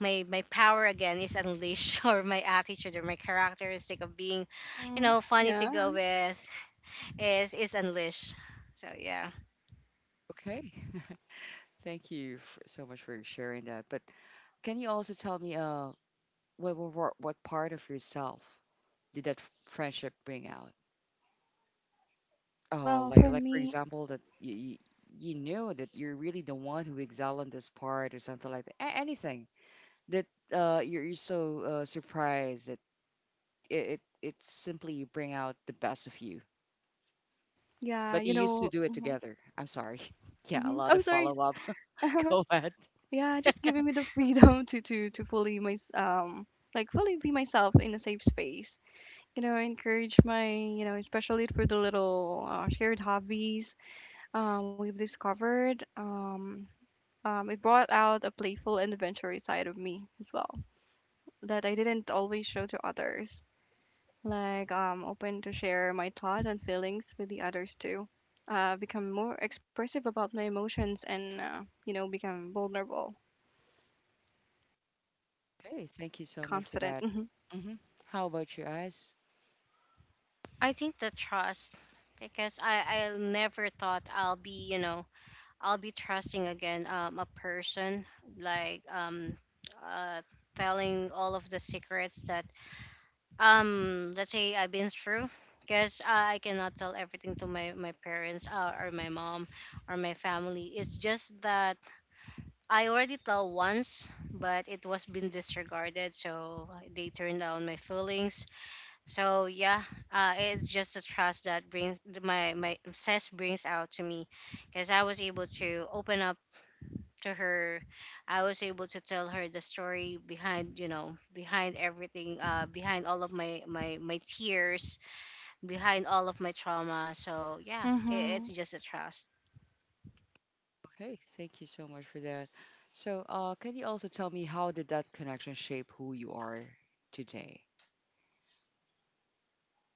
my my power again is unleashed, or my attitude, or my characteristic of being, you Mhm. know, funny to Yeah. go with, is unleashed. So, yeah. Okay. Thank you f so much for sharing that. But can you also tell me, what part of yourself did that friendship bring out? Oh, Well, for like for me, example that you, you knew that you're really the one who excelled in this part or something like that. Anything that you're so surprised that it simply bring out the best of you. yeah, But you used to do it Mm-hmm. together. I'm sorry. Mm-hmm. Yeah, a Oh, lot of sorry. follow up. Go ahead. Yeah, just giving me the freedom to fully my like fully be myself in a safe space. Encourage my, especially for the little, shared hobbies, we've discovered, it brought out a playful and adventurous side of me as well that I didn't always show to others. Like, open to share my thoughts and feelings with the others too. Become more expressive about my emotions and, you know, become vulnerable Okay, thank you and so much for confident. that. Hmm. How about you guys? I think the trust, because I never thought I'll be, you know, I'll be trusting again, a person, like um uh telling all of the secrets that, let's say, I've been through, because I cannot tell everything to my parents, or my mom, or my family. It's just that I already tell once, but it was been disregarded, so they turned down my feelings. So, yeah. It's just the trust that brings my my obsess brings out to me, because I was able to open up to her. I was able to tell her the story behind, you know, behind everything, behind all of my tears, behind all of my trauma. So, yeah, it, Mm-hmm. it's just a trust. Okay, thank you so much for that. So, can you also tell me how did that connection shape who you are today?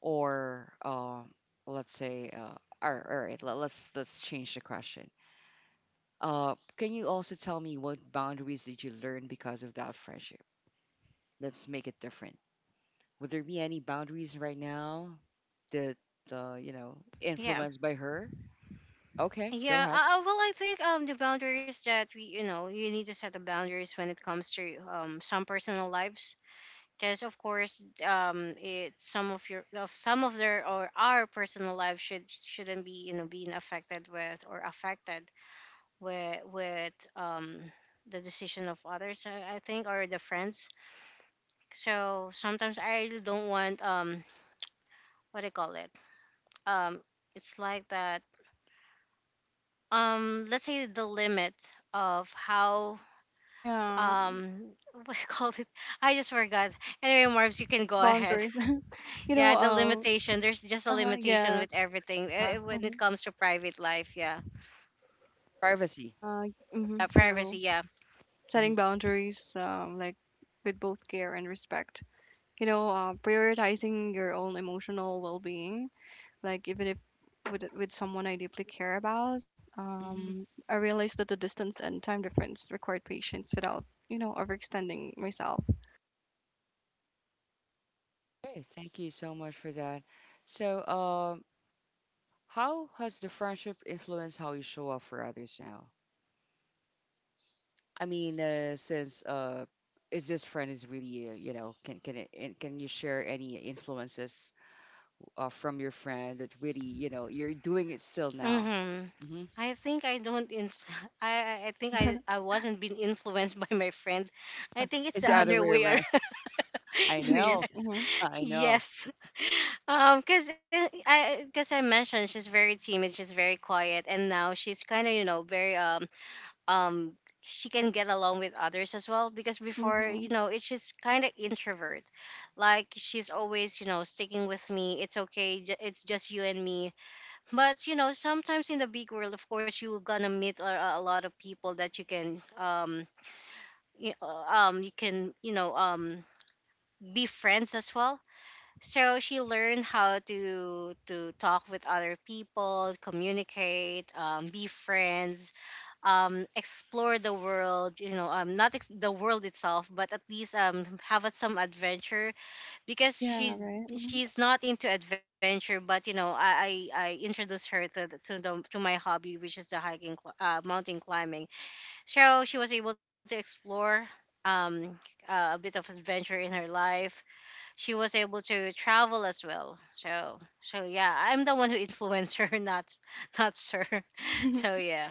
Or, let's say, let, let's change the question. Can you also tell me what boundaries did you learn because of that friendship? Let's make it different. Would there be any boundaries right now that you know Yeah, influenced by her? Okay, go yeah. ahead. Well, I think the boundaries that, we you know you need to set the boundaries when it comes to some personal lives, because of course, it some of your of some of their or our personal lives shouldn't be, you know, being affected with, or affected with the decision of others, I think, or the friends. So sometimes I really don't want, what do you call it, um it's like that, let's say, the limit of how, Yeah. um what do you call it, I just forgot. Anyway, Marv's, you can go ahead. Boundaries. You Yeah, the know, limitation. There's just a uh-huh, limitation yeah. with everything, Huh? When Mm-hmm. it comes to private life, yeah. Privacy. Uh, mm-hmm, Privacy, true. yeah. Hmm. Setting boundaries, like with both care and respect. You know, prioritizing your own emotional well-being, like even if with, someone I deeply care about, I realize that the distance and time difference required patience without, you know, overextending myself. Okay, thank you so much for that. So, how has the friendship influenced how you show up for others now? I mean, since is this friend is really you know can it, and can you share any influences from your friend that really you know you're doing it still now? Mm-hmm. Hmm. I think I don't I think I I wasn't being influenced by my friend. I think it's It's the the other other way way around. around. I It is. know, Yes. Mm-hmm. I know. Yes. Cuz I mentioned, she's very timid, she's very quiet, and now she's kind of, you know, very, um she can get along with others as well, because before, Mm-hmm. you know, it's just kind of introvert. Like she's always, you know, sticking with me. It's okay. It's just you and me. But you know, sometimes in the big world, of course, you're gonna meet a lot of people that you can, you can, you know, be friends as well. So she learned how to talk with other people, communicate, be friends, explore the world, you know, not the world itself, but at least, have some adventure. Because Yeah, right. Mm-hmm. she's not into adventure, but you know, I introduced her to the, to the to my hobby, which is the mountain climbing. So she was able to explore, um a bit of adventure in her life. She was able to travel as well. So, yeah, I'm the one who influenced her, not sir. So, yeah.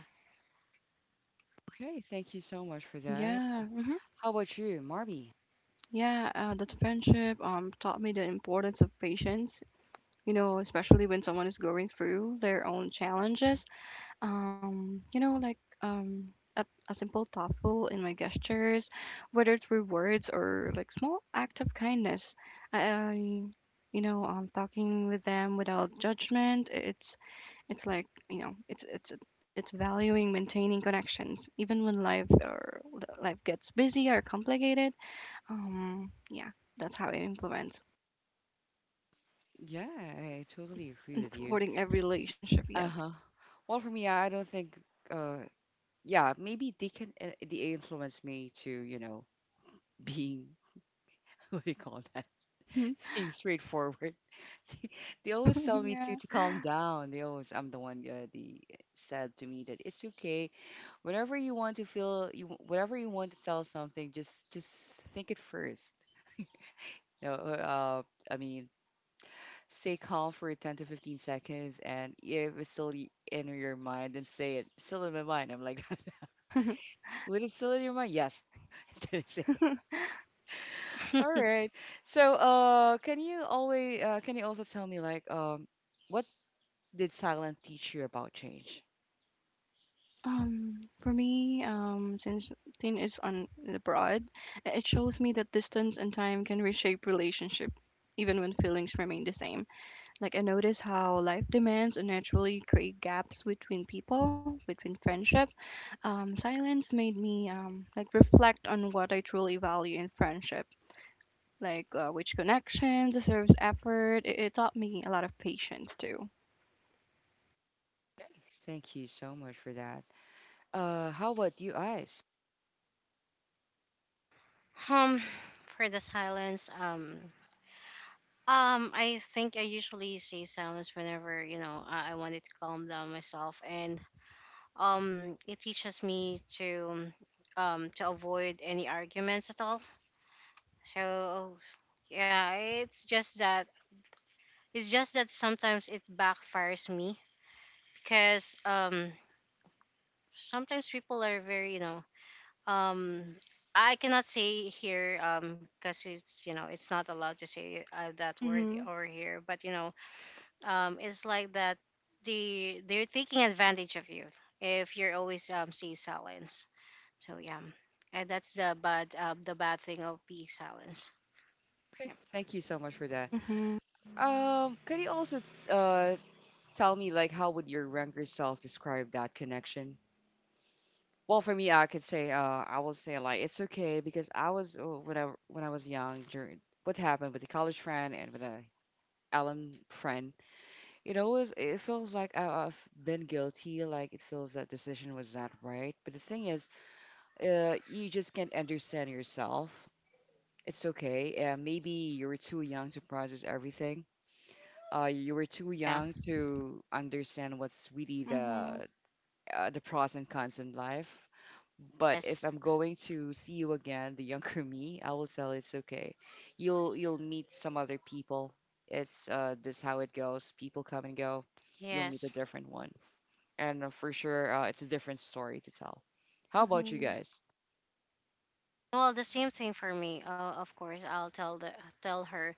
Okay, thank you so much for that. Yeah. Mm-hmm. How about you, Marby? Yeah, that friendship, taught me the importance of patience. You know, especially when someone is going through their own challenges. You know, like, a, a simple thoughtful in my gestures, whether through words or like small act of kindness. I You know, talking with them without judgment. It's like You know, it's it's valuing maintaining connections even when life gets busy or complicated, yeah, that's how it implements Yeah, I totally agree and with you. supporting every relationship. Uh Yes. huh. Well, for me, I don't think. Uh, yeah, maybe they can they influence me to you know being what do you call that Hmm. being straightforward. They, they always tell me Yeah. to calm down. They always I'm the one the said to me that it's okay. Whenever you want to feel you whatever you want to tell something, just think it first. No, uh, I mean, stay calm for 10 to 15 seconds, and if it's still in your mind, then say it. Still in my mind, I'm like, when it's still in your mind, yes, then say it. All right. So, can you also tell me like what did silence teach you about change? For me, since Tin is on abroad, it shows me that distance and time can reshape relationship, even when feelings remain the same. Like I notice how life demands and naturally create gaps between people, between friendship. Silence made me, like reflect on what I truly value in friendship, like, which connection deserves effort. It taught me a lot of patience too. Thank you so much for that. How about you, Ice? um for the silence, I think I usually say silence whenever, you know, I wanted to calm down myself, and it teaches me to avoid any arguments at all. So, yeah. It's just that sometimes it backfires me because, sometimes people are very, you know, um. I cannot say here, because it's, you know, it's not allowed to say, that word Mhm. over here, but you know, it's like that, they're taking advantage of you, if you're always, see silence. So, yeah. And that's the bad thing of being silence. Okay. Yep. Thank you so much for that. Mhm. Can you also uh tell me like how would your younger self describe that connection? Well, for me, I could say I will say like it's okay because I was when I was young during what happened with the college friend and with a alum friend. It always it feels like I've been guilty. Like it feels that decision was not right. But the thing is, you just can't understand yourself. It's okay. Maybe you were too young to process everything. You were too young Yeah. to understand what's really Mhm. The pros and cons in life. But if Yes. I'm going to see you again, the younger me, I will tell it's okay. You'll meet some other people. It's this how it goes. People come and go. You'll meet a Yes. different one, and for sure, it's a different story to tell. How about you Mhm. guys? Well, the same thing for me. Of course, I'll tell her.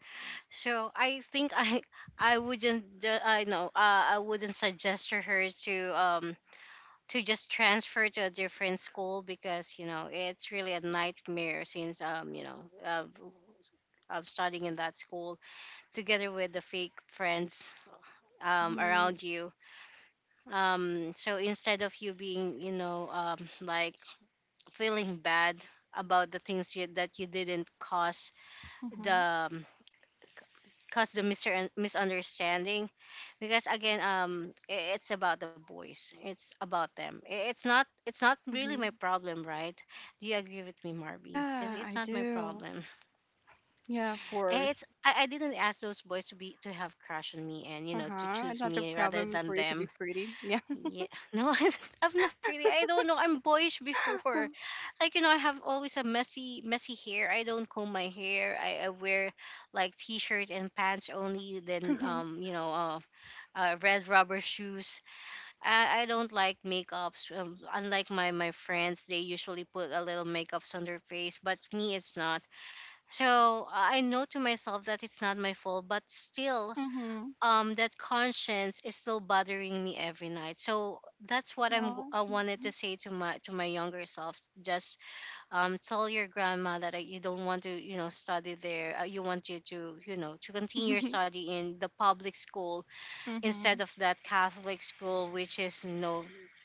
So I think I I wouldn't I know, I wouldn't suggest to her to, to just transfer to a different school, because you know, it's really a nightmare, since, you know, uh, of studying in that school together with the fake friends, Mhm. around you. So instead of you being, you know, like feeling bad about the things that you didn't, Mhm. the um, cause the misunderstanding, because again, it's about the boys, it's about them. It's not really Mhm. my problem, right? Do you agree with me, Marby? Because Yeah, I it's not my do. problem. Yeah, of course. It's I didn't ask those boys to be to have crush on me, and Uh you know, to huh. It's choose not a me rather problem for than you to be them. pretty. Yeah. Yeah. No. I'm not pretty, I don't know, I'm boyish before. Like you know, I have always a messy hair. I don't comb my hair. I wear like t-shirts and pants only, then Mhm. You know, red rubber shoes. I don't like makeups. Unlike my friends, they usually put a little makeups on their face, but me, it's not. So I know to myself that it's not my fault, but still, that conscience is still bothering me every night. So that's what Yeah. I wanted to say to my younger self. Just, tell your grandma that, you don't want to, you know, study there. You want you know, to continue your Mhm. study in the public school, instead Mhm. of that Catholic school, which is no,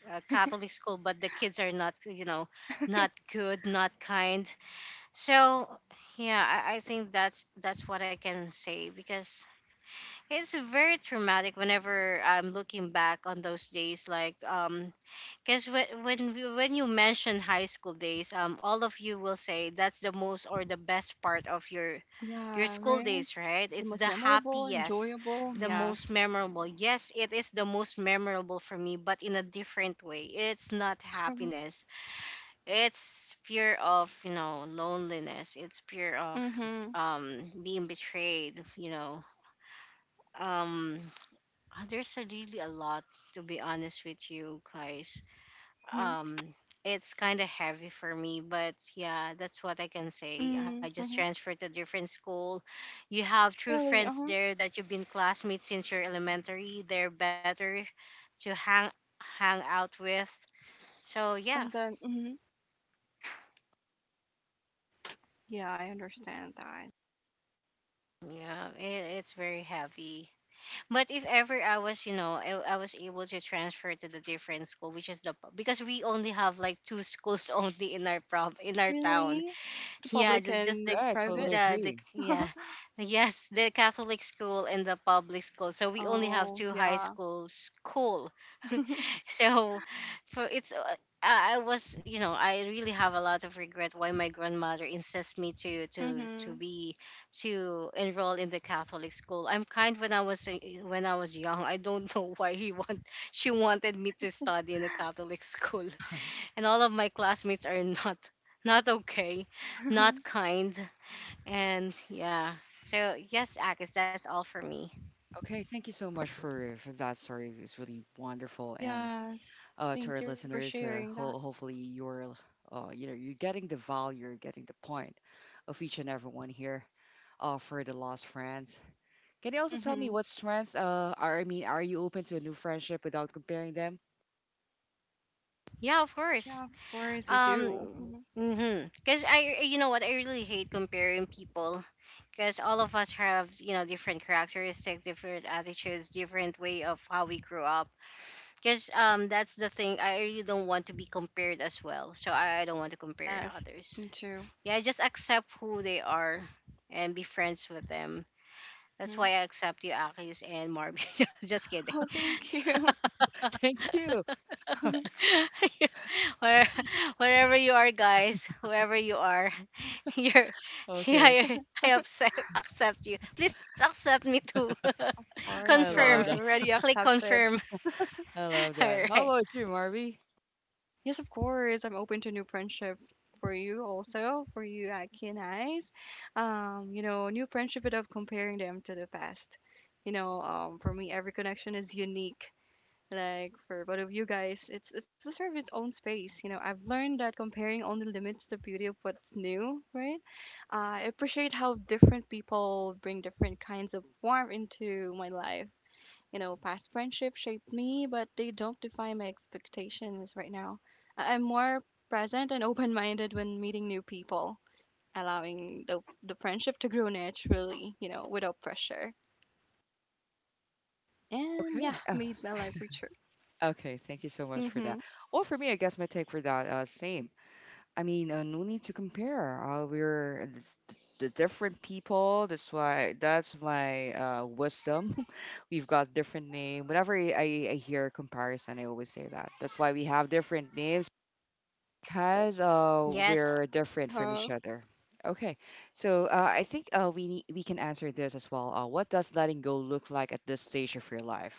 Catholic school, but the kids are not, you know, not good, not kind. So, yeah. I think that's what I can say, because it's very traumatic whenever I'm looking back on those days. Like, because when when you mention high school days, all of you will say that's the most or the best part of your Yeah. school Right. days, right? The It's most the memorable, happiest, enjoyable. the Yes. most memorable. Yes, it is the most memorable for me, but in a different way. It's not Mhm. happiness. It's fear of, you know, loneliness. It's fear of Mhm. Being betrayed, you know. Um there's a really a lot, to be honest with you guys. Mhm. um it's kind of heavy for me, but yeah, that's what I can say. I Mhm. just Mhm. transferred to a different school. You have true Really. Uh friends huh. there that you've been classmates since your elementary, they're better to hang out with, so yeah. And then. Mhm. Yeah, I understand that. Yeah, it's very heavy. But if ever I was, you know, I was able to transfer to the different school, which is the, because we only have like two schools only in our prom in our town. Really? The Yeah, public just and the the Yeah, I private? totally the agree. yeah, yes, the Catholic school and the public school, so we only have Oh, two high yeah. schools cool. So for it's I was, you know, I really have a lot of regret why my grandmother insists me to Mm-hmm. be to enroll in the Catholic school. I'm kind when I was when I was young, I don't know why he want she wanted me to study in a Catholic school, and all of my classmates are not, not okay, not kind, and yeah. So yes, Akis, that's all for me. Okay, thank you so much for that story. It's really wonderful and Yes, to our thank you for listeners. sharing that. Hopefully, you're you know you're getting the value, you're getting the point of each and everyone here. For the lost friends, can you also tell me hmm what strength? Are, I mean, are you open to a new friendship without comparing them? Yeah, of course. Yeah, of course we do. Um, 'Cause I, you know what, I really hate comparing people, 'cause all of us have, you know, different characteristics, different attitudes, different way of how we grew up. 'Cause that's the thing. I really don't want to be compared as well. So I don't want to compare Yes, others. me too. Yeah, just accept who they are and be friends with them. That's why hmm I accept you, Akis and Marvin. Just kidding. Oh, thank you. Thank you. Of Where, wherever you are, guys, whoever you are, you're, yeah, Okay, you're, I accept, accept you. Please accept me too. course, I you Confirm. love are that. already Click confirm. accepted. I love All that. right. How about you, Marvy? Yes, of course, I'm open to new friendship for you also, for you, Aki and I. You know, new friendship without comparing them to the past. You know, for me, every connection is unique. Like for both of you guys, it's deserve its own space. You know, I've learned that comparing only limits the beauty of what's new, right? I appreciate how different people bring different kinds of warmth into my life. You know, past friendships shaped me, but they don't define my expectations right now. I'm more present and open minded when meeting new people, allowing the friendship to grow naturally, you know, without pressure. And Okay. yeah, made my life richer. Okay. Thank you so much for that. Mm-hmm. Well, for me, I guess my take for that same. I mean, no need to compare. The different people. That's why that's my wisdom. We've got different name. Whenever I hear a comparison, I always say that. That's why we have different names because Yes. we're Uh different from huh. each other. Okay, so I think we can answer this as well. What does letting go look like at this stage of your life?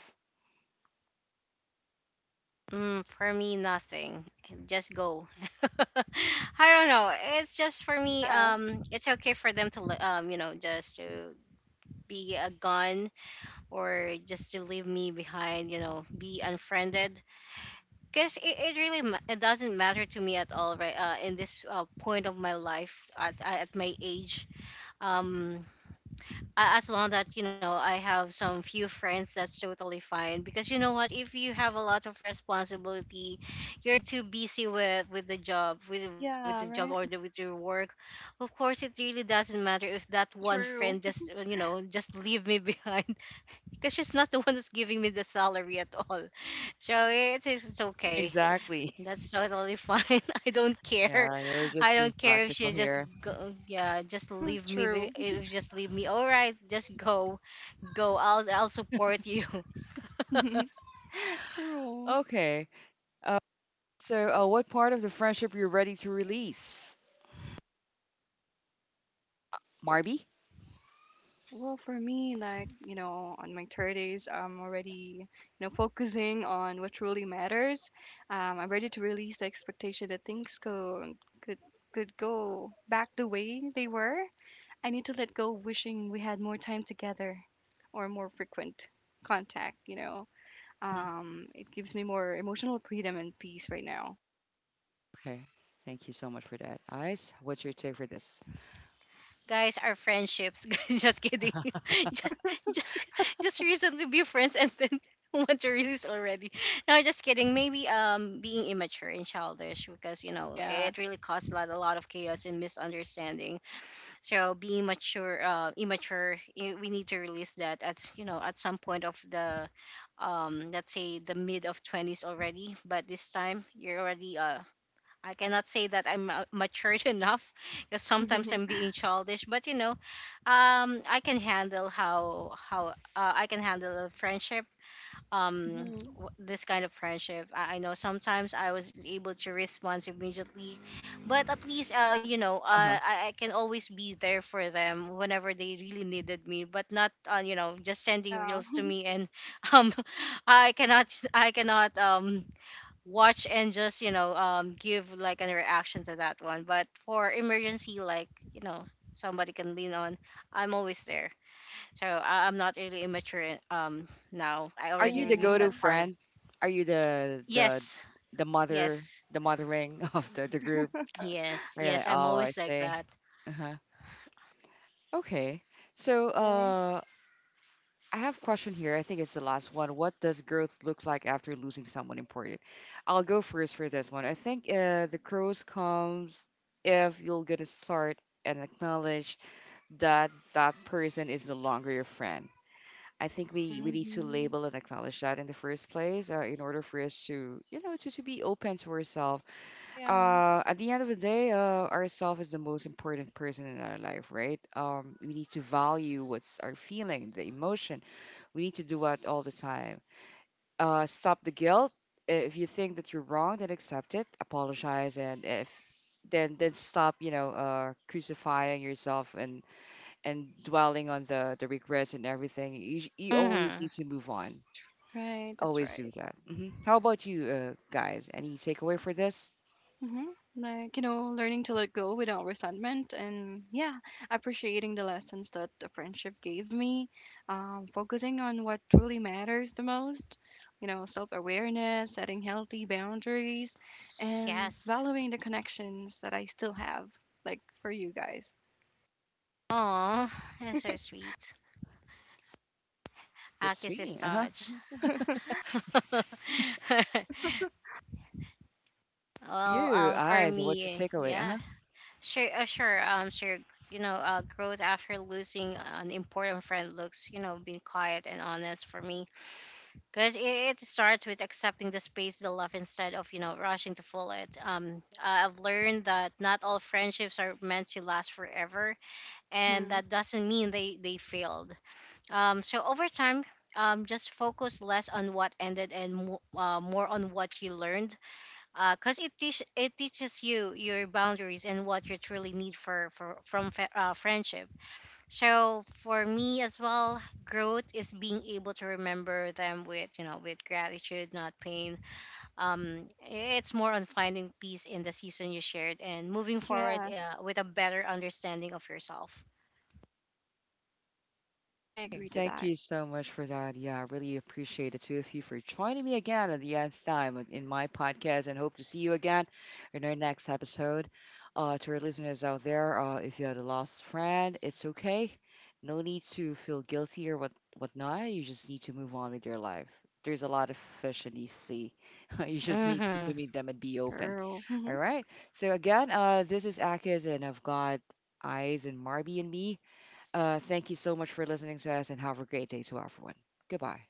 Mm, for me, nothing. Just go. I don't know. It's just for me. Yeah. It's okay for them to, you know, just to be gone or just to leave me behind, you know, be unfriended. Because it really it doesn't matter to me at all, right? In this point of my life, at my age, um, as long that, you know, I have some few friends, that's totally fine. Because you know what, if you have a lot of responsibility, you're too busy with the job, with Yeah, the job right? or the, with your work. Of course, it really doesn't matter if that one True. friend just, you know, just leave me behind because she's not the one who's giving me the salary at all. So it's it's okay. Exactly. That's totally fine. I don't care. Yeah, we're I just don't being care if she practical just here. go. Yeah, just leave me. True. If just leave me. All right, just go, go. I'll support you. True. Okay. uh, So, what part of the friendship you're ready to release, Marby? Well, for me, like, you know, on my 30s, I'm already, you know, focusing on what really matters. I'm ready to release the expectation that things go could could go back the way they were. I need to let go of wishing we had more time together or more frequent contact, you know. It gives me more emotional freedom and peace right now. Okay, thank you so much for that. Ice, what's your take for this? Guys are friendships. Guys, just kidding. just, just, just reason to be friends and then want to release already. No, just kidding. Maybe being immature and childish because you know Yeah. it really caused a lot of chaos and misunderstanding. So being mature, immature, we need to release that at, you know, at some point of the let's say the mid of 20s already, but this time you're already I cannot say that I'm matured enough because sometimes I'm being childish. But you know, I can handle how I can handle a friendship. Hmm. This kind of friendship. I know sometimes I was able to respond immediately, but at least, you know, Uh huh. I can always be there for them whenever they really needed me. But not, you know, just sending Yeah. reels to me and um, I cannot I cannot watch and just, you know, give like a reaction to that one. But for emergency, like, you know, somebody can lean on, I'm always there. So I'm not really immature now I Are already you the released go-to that Oh, part of friend? Are you yes. the mother, Yes, the mothering of the group? yes, Are you yes, like, I'm oh, I always like see. that. Uh huh. Okay. So, nice. I have a question here. I think it's the last one. What does growth look like after losing someone important? I'll go first for this one. I think the growth comes if you're gonna start and acknowledge that that person is no longer your friend. I think we need to Hmm. label and acknowledge that in the first place in order for us to, you know, to be open to ourselves. Yeah. At the end of the day, ourself is the most important person in our life, right? We need to value what's our feeling, the emotion. We need to do that all the time. Stop the guilt. If you think that you're wrong, then accept it, apologize, and if then then stop, you know, crucifying yourself and dwelling on the regrets and everything. You Mm-hmm. always need to move on. Right, that's Always do right. that. Hmm. How about you, guys? Any takeaway for this? Hmm. Like, you know, learning to let go without resentment and, yeah, appreciating the lessons that the friendship gave me, focusing on what truly matters the most, you know, self awareness, setting healthy boundaries, and Yes. valuing the connections that I still have, like for you guys. Oh, that's so sweet. But Akis is sweet, uh huh. touch. Well, You, for eyes, and what's your me, takeaway? Uh yeah. huh. Sure, sure. You know, growth after losing an important friend looks, you know, being quiet and honest for me, because it starts with accepting the space they love instead of, you know, rushing to fill it. I've learned that not all friendships are meant to last forever, and Hmm. that doesn't mean they failed. So over time. Just focus less on what ended and more on what you learned because it teaches you your boundaries and what you truly need for from friendship. So for me as well, growth is being able to remember them with, you know, with gratitude, not pain. It's more on finding peace in the season you shared and moving forward, Yeah, with a better understanding of yourself. I Okay, agree to thank that. you so much for that. Yeah, I really appreciate the two of you for joining me again at the nth time in my podcast and hope to see you again in our next episode. To our listeners out there, if you had a lost friend, it's okay. No need to feel guilty or whatnot. You just need to move on with your life. There's a lot of fish in the sea. You just need Mm-hmm. to meet them and be open. True. All right. So again, this is Akis and I've got Eyes and Marby and me. Thank you so much for listening to us and have a great day to everyone. Goodbye.